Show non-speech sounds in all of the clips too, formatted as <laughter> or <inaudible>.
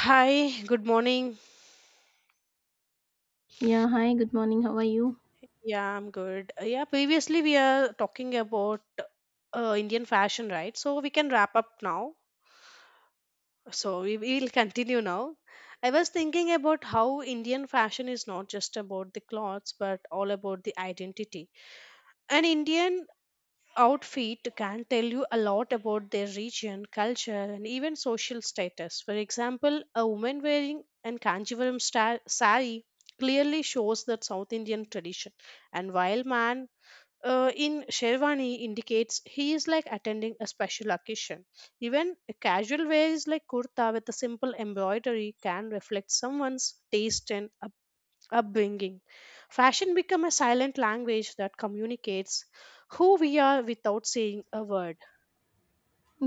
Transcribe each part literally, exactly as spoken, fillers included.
Hi, good morning. Yeah, hi, good morning. How are you? Yeah, I'm good. Uh, Yeah, previously we are talking about uh, Indian fashion, right? So we can wrap up now. So we will continue now. I was thinking about how Indian fashion is not just about the clothes, but all about the identity. An Indian outfit can tell you a lot about their region, culture, and even social status. For example, a woman wearing an Kanjivaram sta- sari clearly shows that South Indian tradition, and while man uh, in Sherwani indicates he is like attending a special occasion. Even a casual wear is like kurta with a simple embroidery can reflect someone's taste and upbringing. Fashion become a silent language that communicates who we are without saying a word.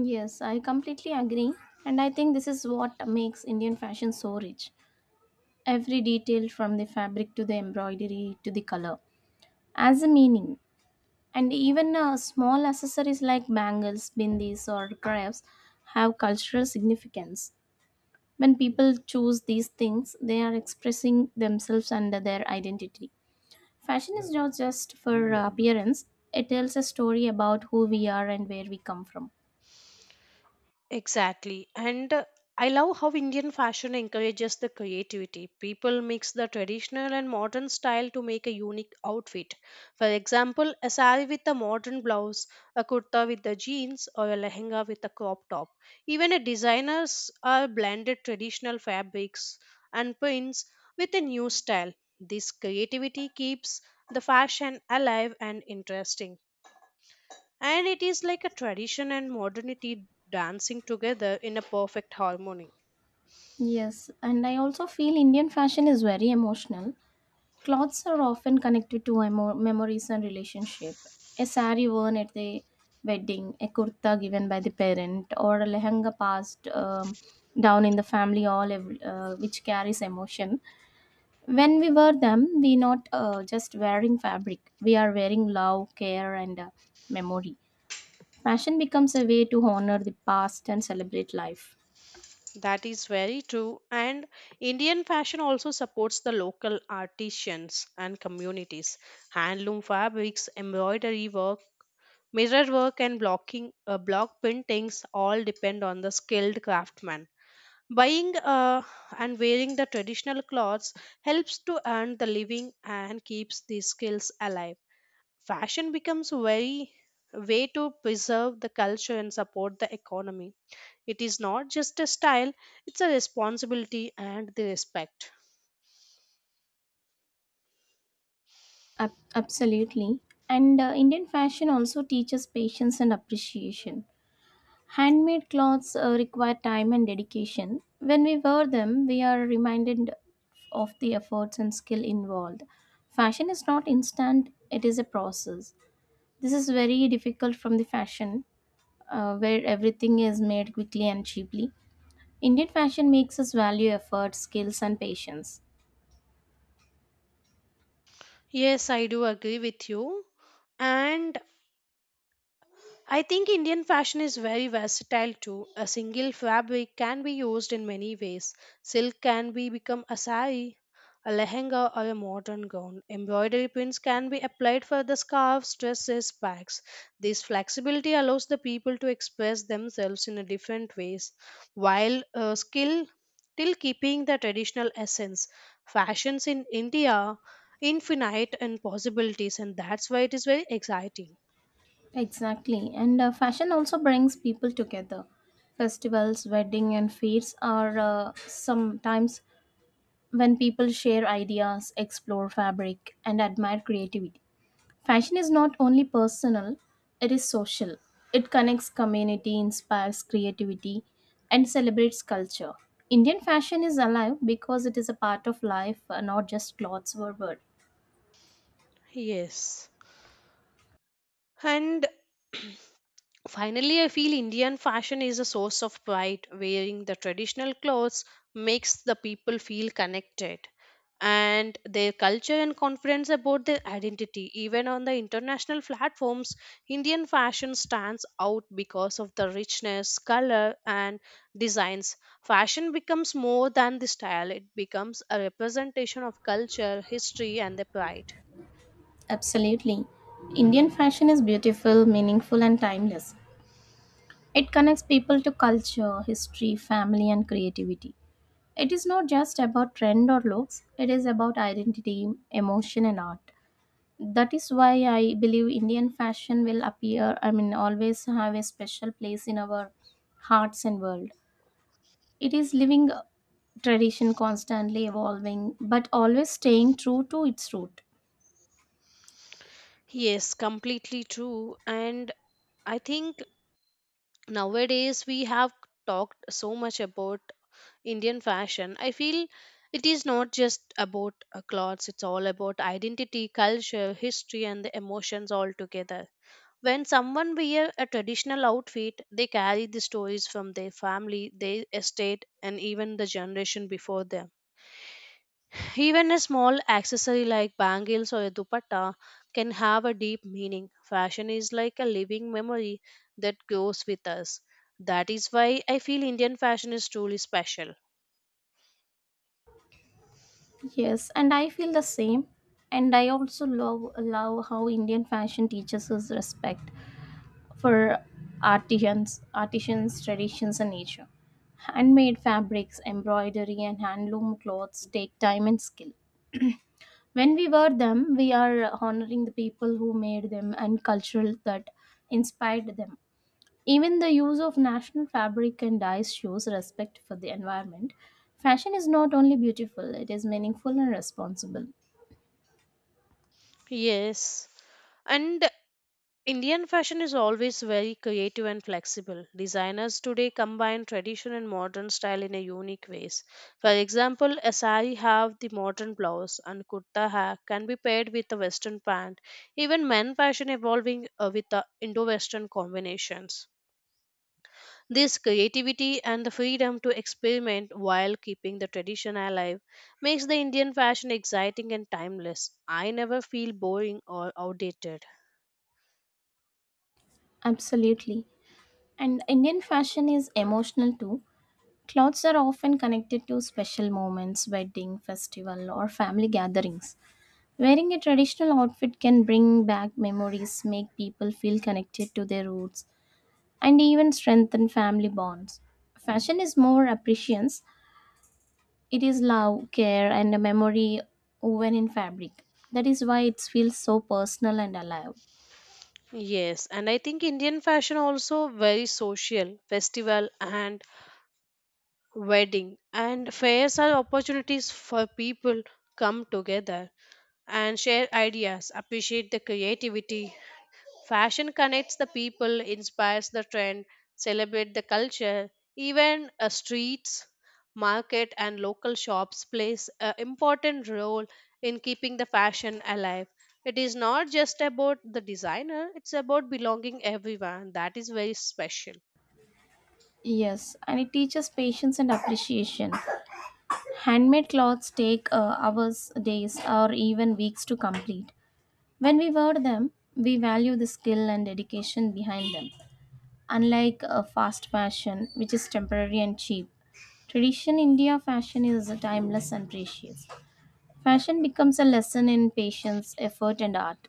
Yes, I completely agree. And I think this is what makes Indian fashion so rich. Every detail from the fabric to the embroidery to the color has a meaning. And even uh, small accessories like bangles, bindis, or crafts have cultural significance. When people choose these things, they are expressing themselves under their identity. Fashion is not just for uh, appearance, it tells a story about who we are and where we come from. Exactly. And uh, I love how Indian fashion encourages the creativity. People mix the traditional and modern style to make a unique outfit. For example, a sari with a modern blouse, a kurta with the jeans, or a lehenga with a crop top. Even a designers are blended traditional fabrics and prints with a new style. This creativity keeps the fashion alive and interesting and it is like a tradition and modernity dancing together in a perfect harmony. Yes, and I also feel Indian fashion is very emotional. Clothes are often connected to emo- memories and relationship. A sari worn at the wedding, a kurta given by the parent, or a lehenga passed um, down in the family, all ev- uh, which carries emotion. When we wear them, we not uh, just wearing fabric; we are wearing love, care, and uh, memory. Fashion becomes a way to honor the past and celebrate life. That is very true and indian fashion also supports the local artisans and communities. Handloom fabrics embroidery work mirror work and blocking uh, block paintings all depend on the skilled craftsman buying uh, and wearing the traditional clothes helps to earn the living and keeps the skills alive. Fashion becomes a very way to preserve the culture and support the economy. It is not just a style, it's a responsibility and the respect. Ab- absolutely. And uh, Indian fashion also teaches patience and appreciation. Handmade clothes uh, require time and dedication. When we wear them, we are reminded of the efforts and skill involved. Fashion is not instant, it is a process. This is very difficult from the fashion, uh, where everything is made quickly and cheaply. Indian fashion makes us value effort, skills, and patience. Yes, I do agree with you. And I think Indian fashion is very versatile too. A single fabric can be used in many ways. Silk can be become a sari, a lehenga or a modern gown. Embroidery pins can be applied for the scarves, dresses, bags. This flexibility allows the people to express themselves in a different ways while uh, skill still keeping the traditional essence. Fashions in India infinite and possibilities and that's why it is very exciting. Exactly. And uh, fashion also brings people together. Festivals, wedding and fairs are uh, sometimes when people share ideas, explore fabric and admire creativity. Fashion is not only personal, it is social. It connects community, inspires creativity and celebrates culture. Indian fashion is alive because it is a part of life, uh, not just clothes or words. Yes. And <clears throat> finally, I feel Indian fashion is a source of pride. Wearing the traditional clothes makes the people feel connected and their culture and confidence about their identity. Even on the international platforms, Indian fashion stands out because of the richness, color, and designs. Fashion becomes more than the style, it becomes a representation of culture, history, and the pride. Absolutely. Indian fashion is beautiful, meaningful, and timeless. It connects people to culture, history, family, and creativity. It is not just about trend or looks, it is about identity, emotion, and art. That is why I believe Indian fashion will appear, I mean, always have a special place in our hearts and world. It is living tradition, constantly evolving, but always staying true to its root. Yes, completely true. And I think nowadays we have talked so much about indian fashion. I feel it is not just about uh, clothes, it's all about identity, culture, history, and the emotions all together. When someone wear a traditional outfit, they carry the stories from their family, their estate, and even the generation before them. Even a small accessory like bangles or a dupatta can have a deep meaning. Fashion is like a living memory that grows with us. That is why I feel Indian fashion is truly special. Yes, and I feel the same. And I also love love how Indian fashion teaches us respect for artisans, artisans, traditions, and nature. Handmade fabrics, embroidery, and handloom clothes take time and skill. When we wear them, we are honoring the people who made them and cultural that inspired them. Even the use of national fabric and dyes shows respect for the environment. Fashion is not only beautiful, it is meaningful and responsible. Yes. And Indian fashion is always very creative and flexible. Designers today combine tradition and modern style in a unique ways. For example, a sari have the modern blouse and kurta ha can be paired with a western pant. Even men fashion evolving uh, with the Indo-Western combinations. This creativity and the freedom to experiment while keeping the tradition alive makes the Indian fashion exciting and timeless. I never feel boring or outdated. Absolutely. And Indian fashion is emotional too. Clothes are often connected to special moments, wedding, festival, or family gatherings. Wearing a traditional outfit can bring back memories, make people feel connected to their roots, and even strengthen family bonds. Fashion is more appreciance, it is love, care, and a memory woven in fabric. That is why it feels so personal and alive. Yes, and I think Indian fashion also very social. Festival and wedding and fairs are opportunities for people come together and share ideas, appreciate the creativity. Fashion connects the people, inspires the trend, celebrate the culture. Even uh, streets, market, and local shops plays an important role in keeping the fashion alive. It is not just about the designer; it's about belonging everyone. That is very special. Yes, and it teaches patience and appreciation. Handmade clothes take uh, hours, days, or even weeks to complete. When we wear them, we value the skill and dedication behind them. Unlike a fast fashion, which is temporary and cheap, tradition India fashion is timeless and precious. Fashion becomes a lesson in patience, effort, and art.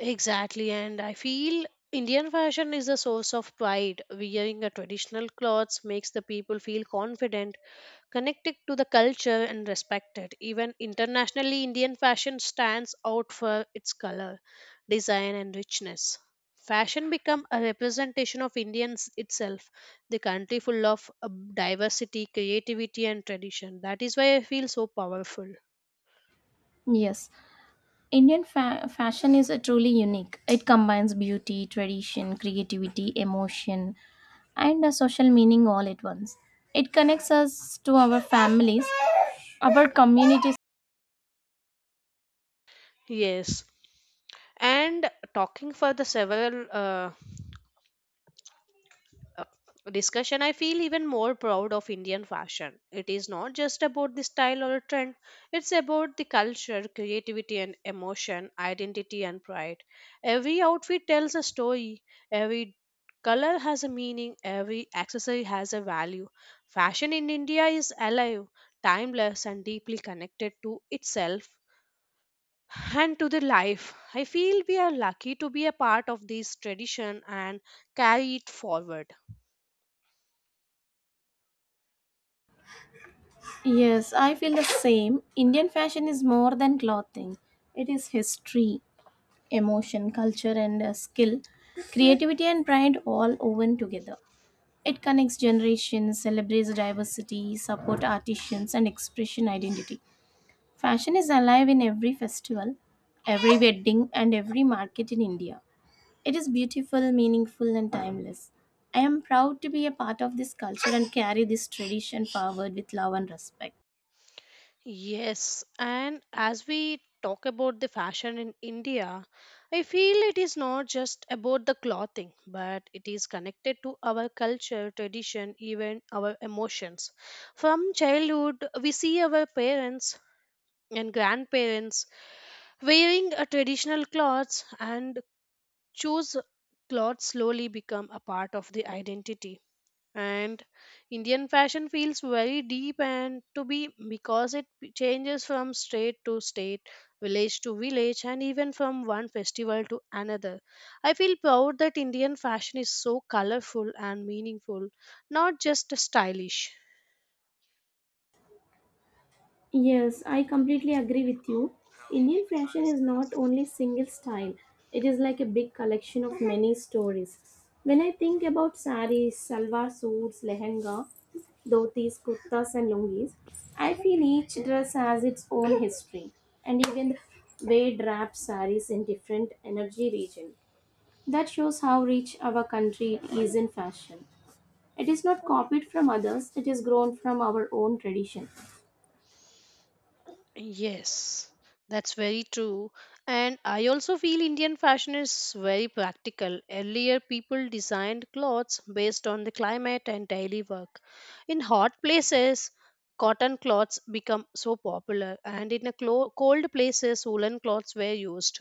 Exactly, and I feel Indian fashion is a source of pride. Wearing a traditional clothes makes the people feel confident, connected to the culture and respected. Even internationally, Indian fashion stands out for its color, design, and richness. Fashion become a representation of Indians itself, the country full of uh, diversity, creativity, and tradition. That is why I feel so powerful. Yes, Indian fa- fashion is uh, truly unique. It combines beauty, tradition, creativity, emotion, and a social meaning all at once. It connects us to our families, our communities. Yes, and talking for the several uh, uh, discussion, I feel even more proud of Indian fashion. It is not just about the style or trend, it's about the culture, creativity, and emotion, identity, and pride. Every outfit tells a story, every color has a meaning, every accessory has a value. Fashion in India is alive, timeless, and deeply connected to itself and to the life. I feel we are lucky to be a part of this tradition and carry it forward. Yes, I feel the same. Indian fashion is more than clothing, it is history, emotion, culture, and uh, skill, creativity, and pride all woven together. It connects generations, celebrates diversity, support artisans, and expression identity. Fashion is alive in every festival, every wedding, and every market in India. It is beautiful, meaningful, and timeless. I am proud to be a part of this culture and carry this tradition forward with love and respect. Yes, and as we talk about the fashion in India, I feel it is not just about the clothing, but it is connected to our culture, tradition, even our emotions. From childhood, we see our parents and grandparents wearing a traditional clothes and choose clothes slowly become a part of the identity. And indian fashion feels very deep and to be because it p- changes from state to state, village to village, and even from one festival to another. I feel proud that indian fashion is so colorful and meaningful, not just stylish. Yes, I completely agree with you. Indian fashion is not only single style, it is like a big collection of many stories. When I think about saris, salwar suits, lehenga, dhotis, kurtas, and lungis, I feel each dress has its own history, and even the way wrapped saris in different energy region. That shows how rich our country is in fashion. It is not copied from others; it is grown from our own tradition. Yes, that's very true. And I also feel Indian fashion is very practical. Earlier, people designed clothes based on the climate and daily work. In hot places, cotton cloths become so popular, and in a clo- cold places, woolen cloths were used.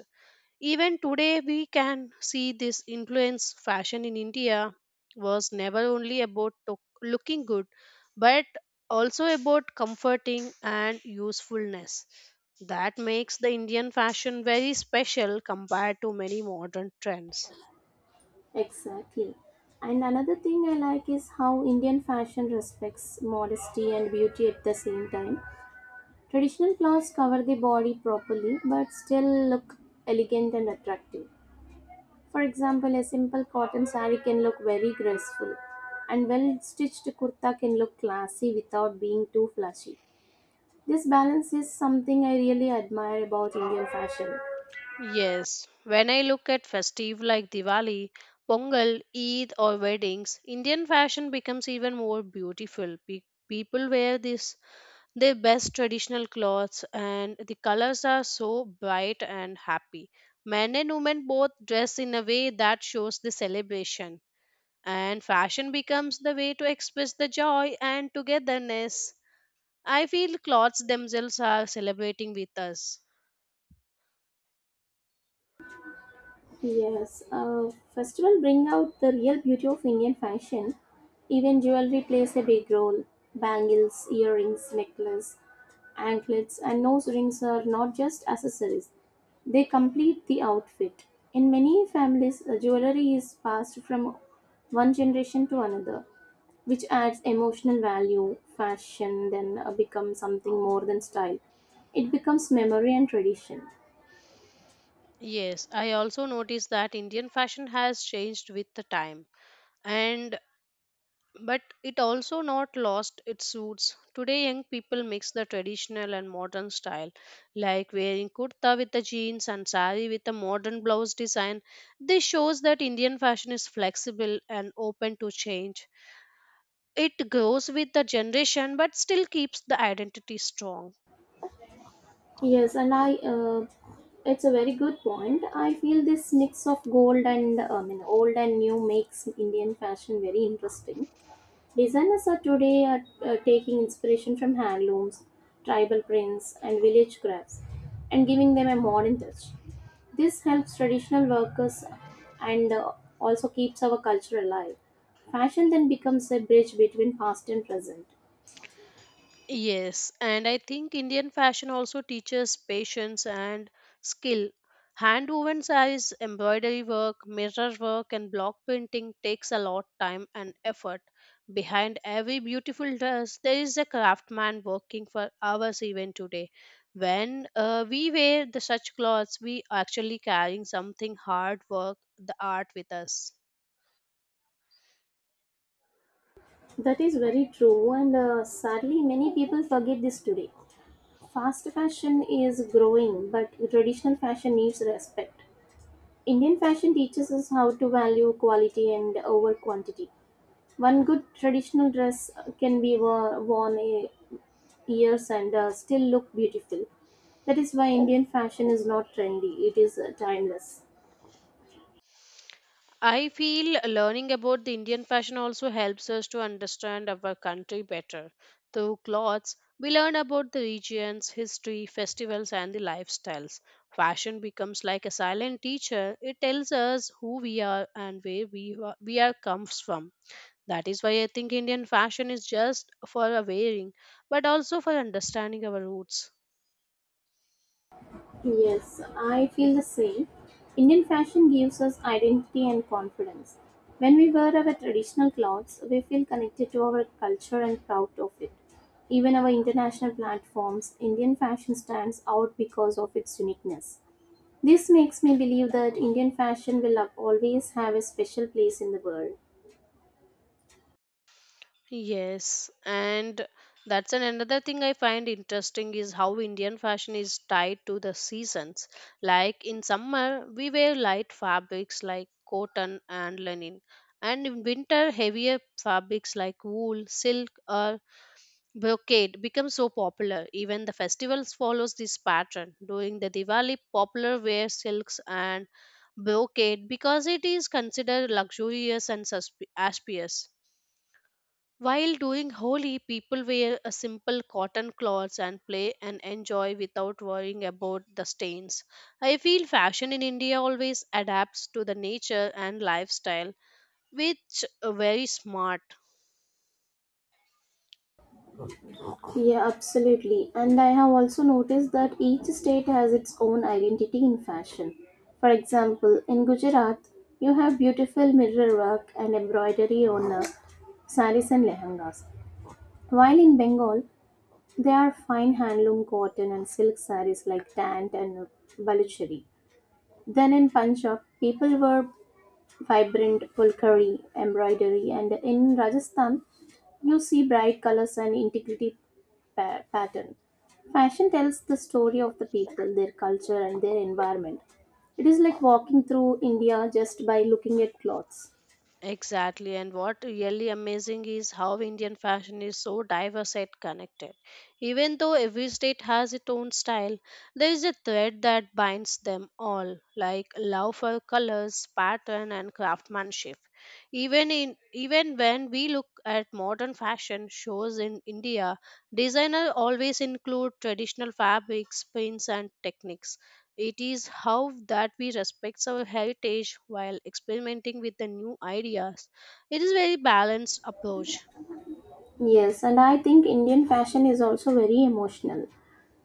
Even today, we can see this influence. Fashion in India was never only about to- looking good, but also about comforting and usefulness. That makes the Indian fashion very special compared to many modern trends. Exactly. And another thing I like is how Indian fashion respects modesty and beauty at the same time. Traditional clothes cover the body properly but still look elegant and attractive. For example, a simple cotton saree can look very graceful, and well stitched kurta can look classy without being too flashy. This balance is something I really admire about Indian fashion. Yes, when I look at festive like Diwali, Pongal, Eid, or weddings, Indian fashion becomes even more beautiful. Pe- people wear these. They best traditional clothes and the colors are so bright and happy. Men and women both dress in a way that shows the celebration, and fashion becomes the way to express the joy and togetherness. I feel clothes themselves are celebrating with us. Yes, uh, festival bring out the real beauty of Indian fashion. Even jewelry plays a big role. Bangles, earrings, necklace, anklets, and nose rings are not just accessories. They complete the outfit. In many families, uh, jewelry is passed from one generation to another, which adds emotional value. Fashion then uh, becomes something more than style. It becomes memory and tradition. Yes, I also noticed that Indian fashion has changed with the time and but it also not lost its roots. Today, young people mix the traditional and modern style, like wearing kurta with the jeans and sari with a modern blouse design. This shows that Indian fashion is flexible and open to change. It grows with the generation but still keeps the identity strong. Yes, and I, uh, it's a very good point. I feel this mix of gold and, uh, I mean, old and new makes Indian fashion very interesting. Designers are today are, uh, taking inspiration from handlooms, tribal prints, and village crafts and giving them a modern touch. This helps traditional workers and uh, also keeps our culture alive. Fashion then becomes a bridge between past and present. Yes, and I think Indian fashion also teaches patience and skill. Hand woven sarees, embroidery work, mirror work, and block painting takes a lot time and effort. Behind every beautiful dress, there is a craftsman working for hours even today. When uh, we wear the such clothes, we actually carrying something hard work, the art with us. That is very true, and uh, sadly, many people forget this today. Fast fashion is growing, but traditional fashion needs respect. Indian fashion teaches us how to value quality and over quantity. One good traditional dress can be wo- worn a- years and uh, still look beautiful. That is why Indian fashion is not trendy, it is uh, timeless. I feel learning about the Indian fashion also helps us to understand our country better. Through clothes, we learn about the regions, history, festivals, and the lifestyles. Fashion becomes like a silent teacher. It tells us who we are and where we wa- we are comes from. That is why I think Indian fashion is just for a wearing, but also for understanding our roots. Yes, I feel the same. Indian fashion gives us identity and confidence. When we wear our traditional clothes, we feel connected to our culture and proud of it. Even our international platforms, Indian fashion stands out because of its uniqueness. This makes me believe that Indian fashion will always have a special place in the world. Yes, and that's an another thing I find interesting is how Indian fashion is tied to the seasons. Like in summer, we wear light fabrics like cotton and linen, and in winter, heavier fabrics like wool, silk, or brocade become so popular. Even the festivals follows this pattern. During the Diwali, popular wear silks and brocade because it is considered luxurious and suspi- auspicious while doing Holi, people wear a simple cotton clothes and play and enjoy without worrying about the stains. I feel fashion in India always adapts to the nature and lifestyle, which are very smart. Yeah, absolutely. And I have also noticed that each state has its own identity in fashion. For example, in Gujarat, you have beautiful mirror work and embroidery on uh, saris and lehengas. While in Bengal, there are fine handloom cotton and silk saris like tant and baluchari. Then in Punjab, people wear vibrant pulkari embroidery, and in Rajasthan, you see bright colors and integrity pa- pattern. Fashion tells the story of the people, their culture, and their environment. It is like walking through India just by looking at clothes. Exactly, and what really amazing is how Indian fashion is so diverse and connected. Even though every state has its own style, there is a thread that binds them all, like love for colors, pattern, and craftsmanship. Even in even when we look at modern fashion shows in India, designers always include traditional fabrics, prints, and techniques. It is how that we respect our heritage while experimenting with the new ideas. It is very balanced approach. Yes, and I think Indian fashion is also very emotional.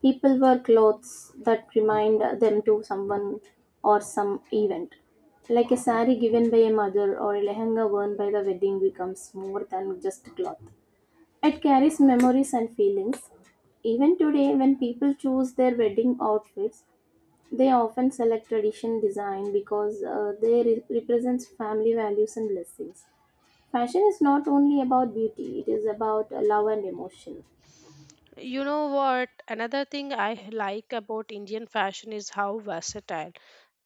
People wear clothes that remind them to someone or some event. Like a sari given by a mother or a lehenga worn by the wedding becomes more than just cloth. It carries memories and feelings. Even today, when people choose their wedding outfits, they often select tradition design because uh, they re- represents family values and blessings. Fashion is not only about beauty; it is about uh, love and emotion. You know what? Another thing I like about Indian fashion is how versatile.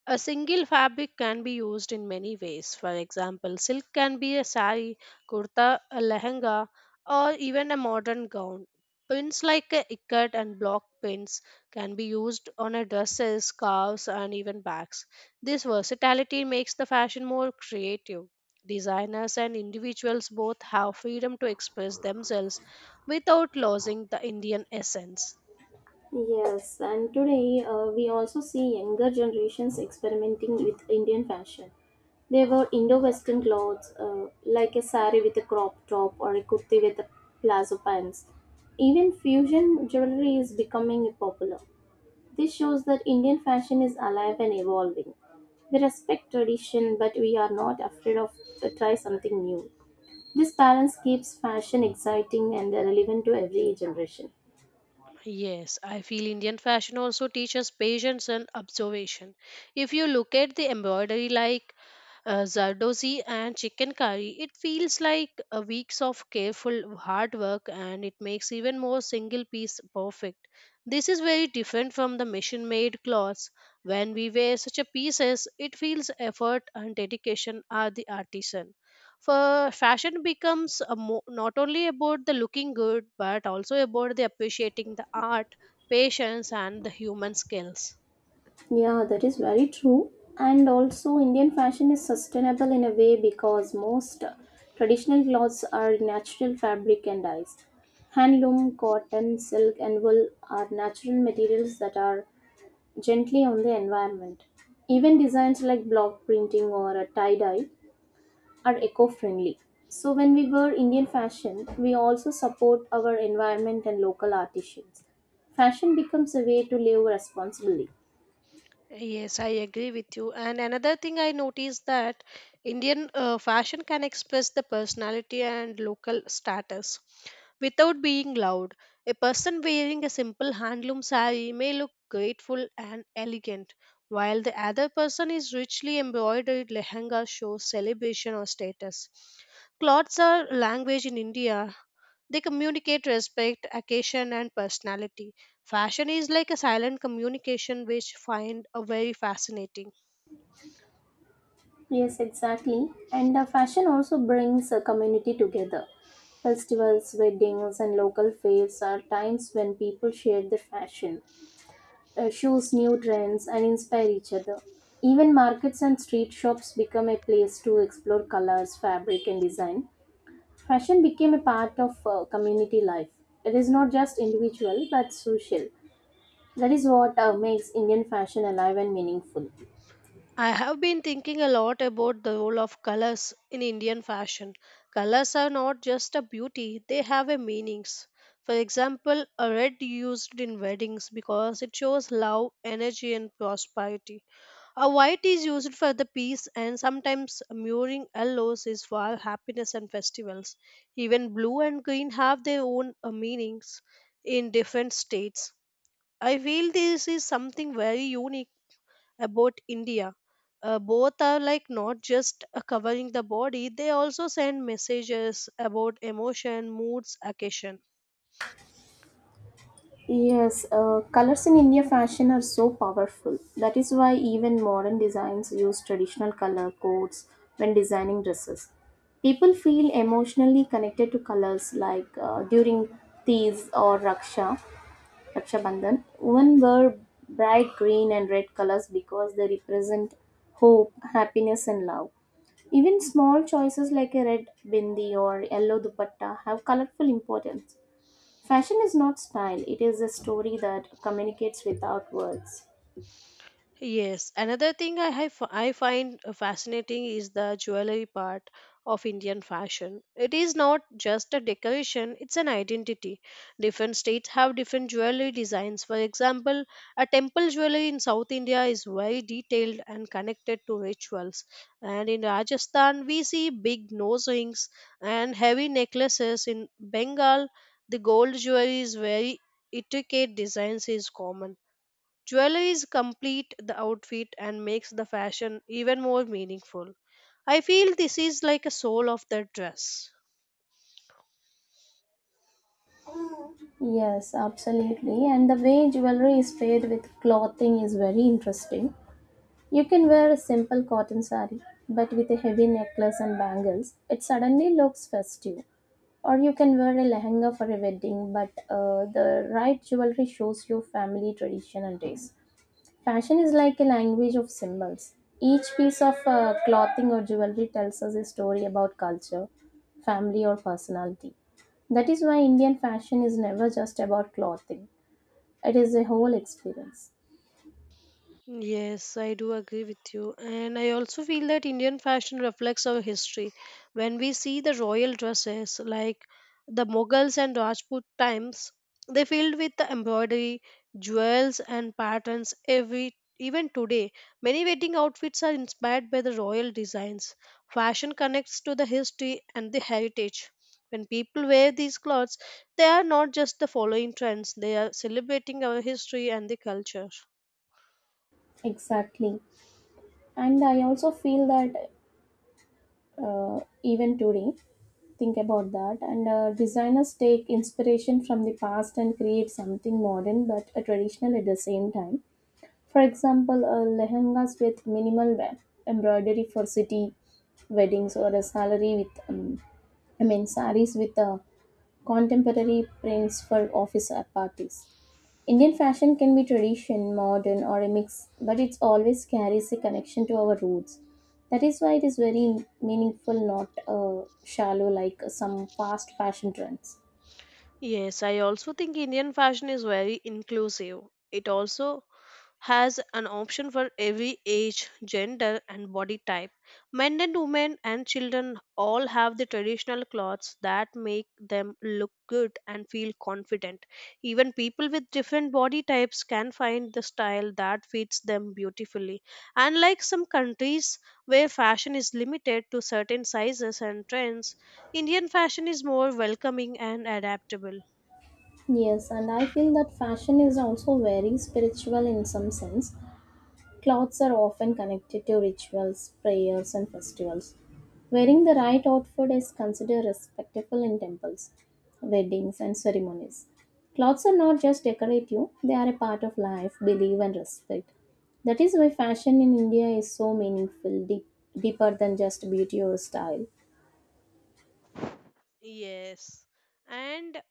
A single fabric can be used in many ways. For example, silk can be a sari, kurta, a lehenga, or even a modern gown. Pins like a ikat and block pins can be used on a dresses, scarves, and even bags. This versatility makes the fashion more creative. Designers and individuals both have freedom to express themselves without losing the Indian essence. Yes, and today uh, we also see younger generations experimenting with Indian fashion. They wear Indo-Western clothes uh, like a sari with a crop top or a kurti with a palazzo pants. Even fusion jewelry is becoming popular. This shows that Indian fashion is alive and evolving. We respect tradition, but we are not afraid of to try something new. This balance keeps fashion exciting and relevant to every generation. Yes, I feel Indian fashion also teaches patience and observation. If you look at the embroidery like uh, zardozi and chicken curry. It feels like a weeks of careful hard work and it makes even more single piece perfect. This is very different from the machine made clothes. When we wear such a pieces, it feels effort and dedication are the artisan. For fashion becomes a mo- not only about the looking good but also about the appreciating the art, patience and the human skills. Yeah, that is very true. And also, Indian fashion is sustainable in a way because most traditional clothes are natural fabric and dyes. Handloom, cotton, silk, and wool are natural materials that are gently on the environment. Even designs like block printing or a tie dye are eco friendly. So, when we wear Indian fashion, we also support our environment and local artisans. Fashion becomes a way to live responsibly. Yes, I agree with you. And another thing I noticed that Indian uh, fashion can express the personality and local status without being loud. A person wearing a simple handloom saree may look grateful and elegant, while the other person is richly embroidered lehenga shows celebration or status. Clothes are language in India. They communicate respect, occasion, and personality. Fashion is like a silent communication which find a very fascinating. Yes, exactly. And uh, fashion also brings a community together. Festivals, weddings, and local fairs are times when people share their fashion, uh, shows new trends, and inspire each other. Even markets and street shops become a place to explore colors, fabric, and design. Fashion became a part of uh, community life. It is not just individual but social. That is what uh, makes Indian fashion alive and meaningful. I have been thinking a lot about the role of colors in Indian fashion. Colors are not just a beauty, they have a meanings. For example, a red used in weddings because it shows love, energy and prosperity. A white is used for the peace and sometimes mirroring yellows is for happiness and festivals. Even blue and green have their own uh, meanings in different states. I feel this is something very unique about India. Uh, both are like not just uh, covering the body, they also send messages about emotion, moods, occasion. Yes, uh, colors in India fashion are so powerful. That is why even modern designs use traditional color codes when designing dresses. People feel emotionally connected to colors like uh, during Tees or Raksha, Raksha Bandhan. Women wear bright green and red colors because they represent hope, happiness, and love. Even small choices like a red bindi or yellow dupatta have colorful importance. Fashion is not style, it is a story that communicates without words. Yes, another thing I have, I find uh, fascinating is the jewelry part of Indian fashion. It is not just a decoration, it's an identity. Different states have different jewelry designs. For example, a temple jewelry in South India is very detailed and connected to rituals. And in Rajasthan, we see big nose rings and heavy necklaces. In Bengal, the gold jewelry is very intricate designs is common Jewelries complete the outfit and makes the fashion even more meaningful. I feel this is like a soul of the dress. Yes, absolutely. And the way jewelry is paired with clothing is very interesting. You can wear a simple cotton saree, but with a heavy necklace and bangles, it suddenly looks festive. Or you can wear a lehenga for a wedding, but uh, the right jewelry shows your family tradition and taste. Fashion is like a language of symbols. Each piece of uh, clothing or jewelry tells us a story about culture, family, or personality. That is why Indian fashion is never just about clothing, it is a whole experience. Yes, I do agree with you. And I also feel that Indian fashion reflects our history. When we see the royal dresses like the Mughals and Rajput times, they filled with the embroidery, jewels and patterns every even today. Many wedding outfits are inspired by the royal designs. Fashion connects to the history and the heritage. When people wear these clothes, they are not just the following trends, they are celebrating our history and the culture. Exactly. And I also feel that uh, even today, think about that. And uh, designers take inspiration from the past and create something modern but uh, traditional at the same time. For example, a lehengas with minimal wa- embroidery for city weddings, or a salary with, um, I mean, saris with uh, contemporary prints for office uh, parties. Indian fashion can be tradition, modern, or a mix, but it always carries a connection to our roots. That is why it is very meaningful, not uh, shallow like some fast fashion trends. Yes, I also think Indian fashion is very inclusive. It also has an option for every age, gender, and body type. Men and women and children all have the traditional clothes that make them look good and feel confident. Even people with different body types can find the style that fits them beautifully. Unlike some countries where fashion is limited to certain sizes and trends, Indian fashion is more welcoming and adaptable. Yes, and I feel that fashion is also very spiritual in some sense. Clothes are often connected to rituals, prayers, and festivals. Wearing the right outfit is considered respectful in temples, weddings, and ceremonies. Clothes are not just decorative, they are a part of life, belief, and respect. That is why fashion in India is so meaningful, deep, deeper than just beauty or style. Yes. And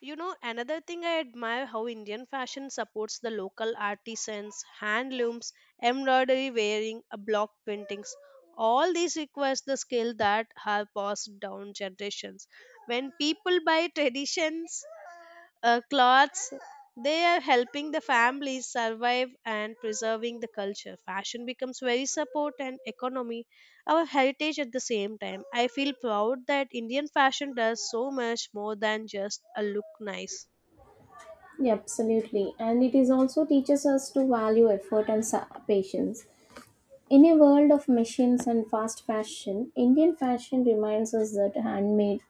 you know, another thing I admire how Indian fashion supports the local artisans, handlooms, embroidery wearing, uh, block paintings. All these requires the skill that have passed down generations. When people buy traditions, uh, cloths, they are helping the families survive and preserving the culture. Fashion becomes very support and economy our heritage at the same time. I feel proud that Indian fashion does so much more than just a look nice. Yeah, absolutely. And it is also teaches us to value effort and sa- patience. In a world of machines and fast fashion, Indian fashion reminds us that handmade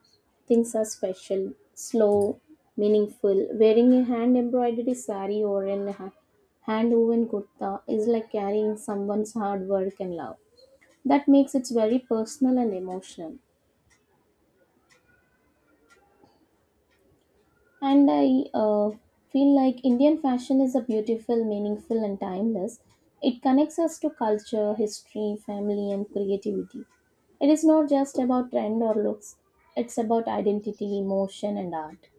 things are special, slow, meaningful. Wearing a hand embroidered sari or a hand woven kurta is like carrying someone's hard work and love. That makes it very personal and emotional. And I uh, feel like Indian fashion is a beautiful, meaningful, and timeless. It connects us to culture, history, family, and creativity. It is not just about trend or looks, it's about identity, emotion, and art.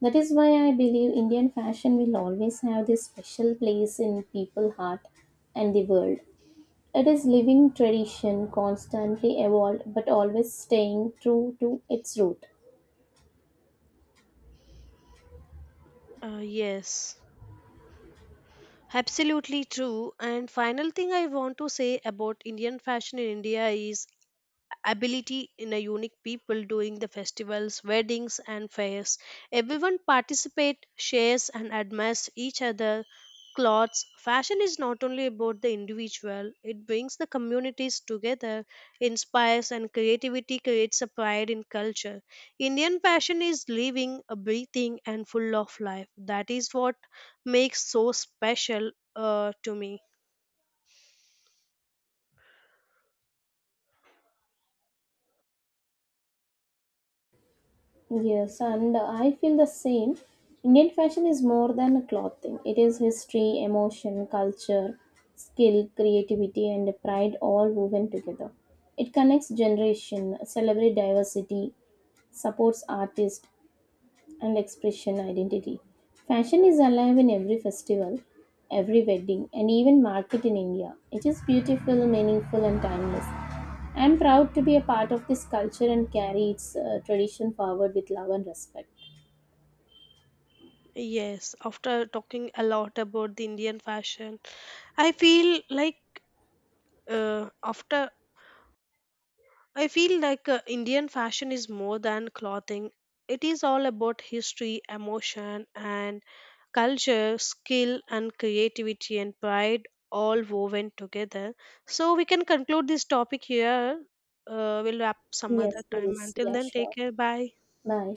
That is why I believe Indian fashion will always have this special place in people's heart and the world. It is living tradition, constantly evolved, but always staying true to its root. Uh, yes, absolutely true. And final thing I want to say about Indian fashion in India is ability in a unique people during the festivals weddings and fairs everyone participate shares and admires each other clothes fashion is not only about the individual it brings the communities together inspires and creativity creates a pride in culture indian fashion is living a breathing and full of life that is what makes so special uh, to me. Yes, and I feel the same. Indian fashion is more than clothing. It is history, emotion, culture, skill, creativity, and pride all woven together. It connects generation, celebrates diversity, supports artists, and expression identity. Fashion is alive in every festival, every wedding, and even market in India. It is beautiful, meaningful, and timeless. I am proud to be a part of this culture and carry its uh, tradition forward with love and respect. Yes, after talking a lot about the indian fashion I feel like uh, after I feel like uh, Indian fashion is more than clothing. It is all about history, emotion, and culture, skill, and creativity and pride all woven together. So we can conclude this topic here. Uh, we'll wrap some other Yes, time. please. Until Yeah, then, take sure. care. Bye. Bye.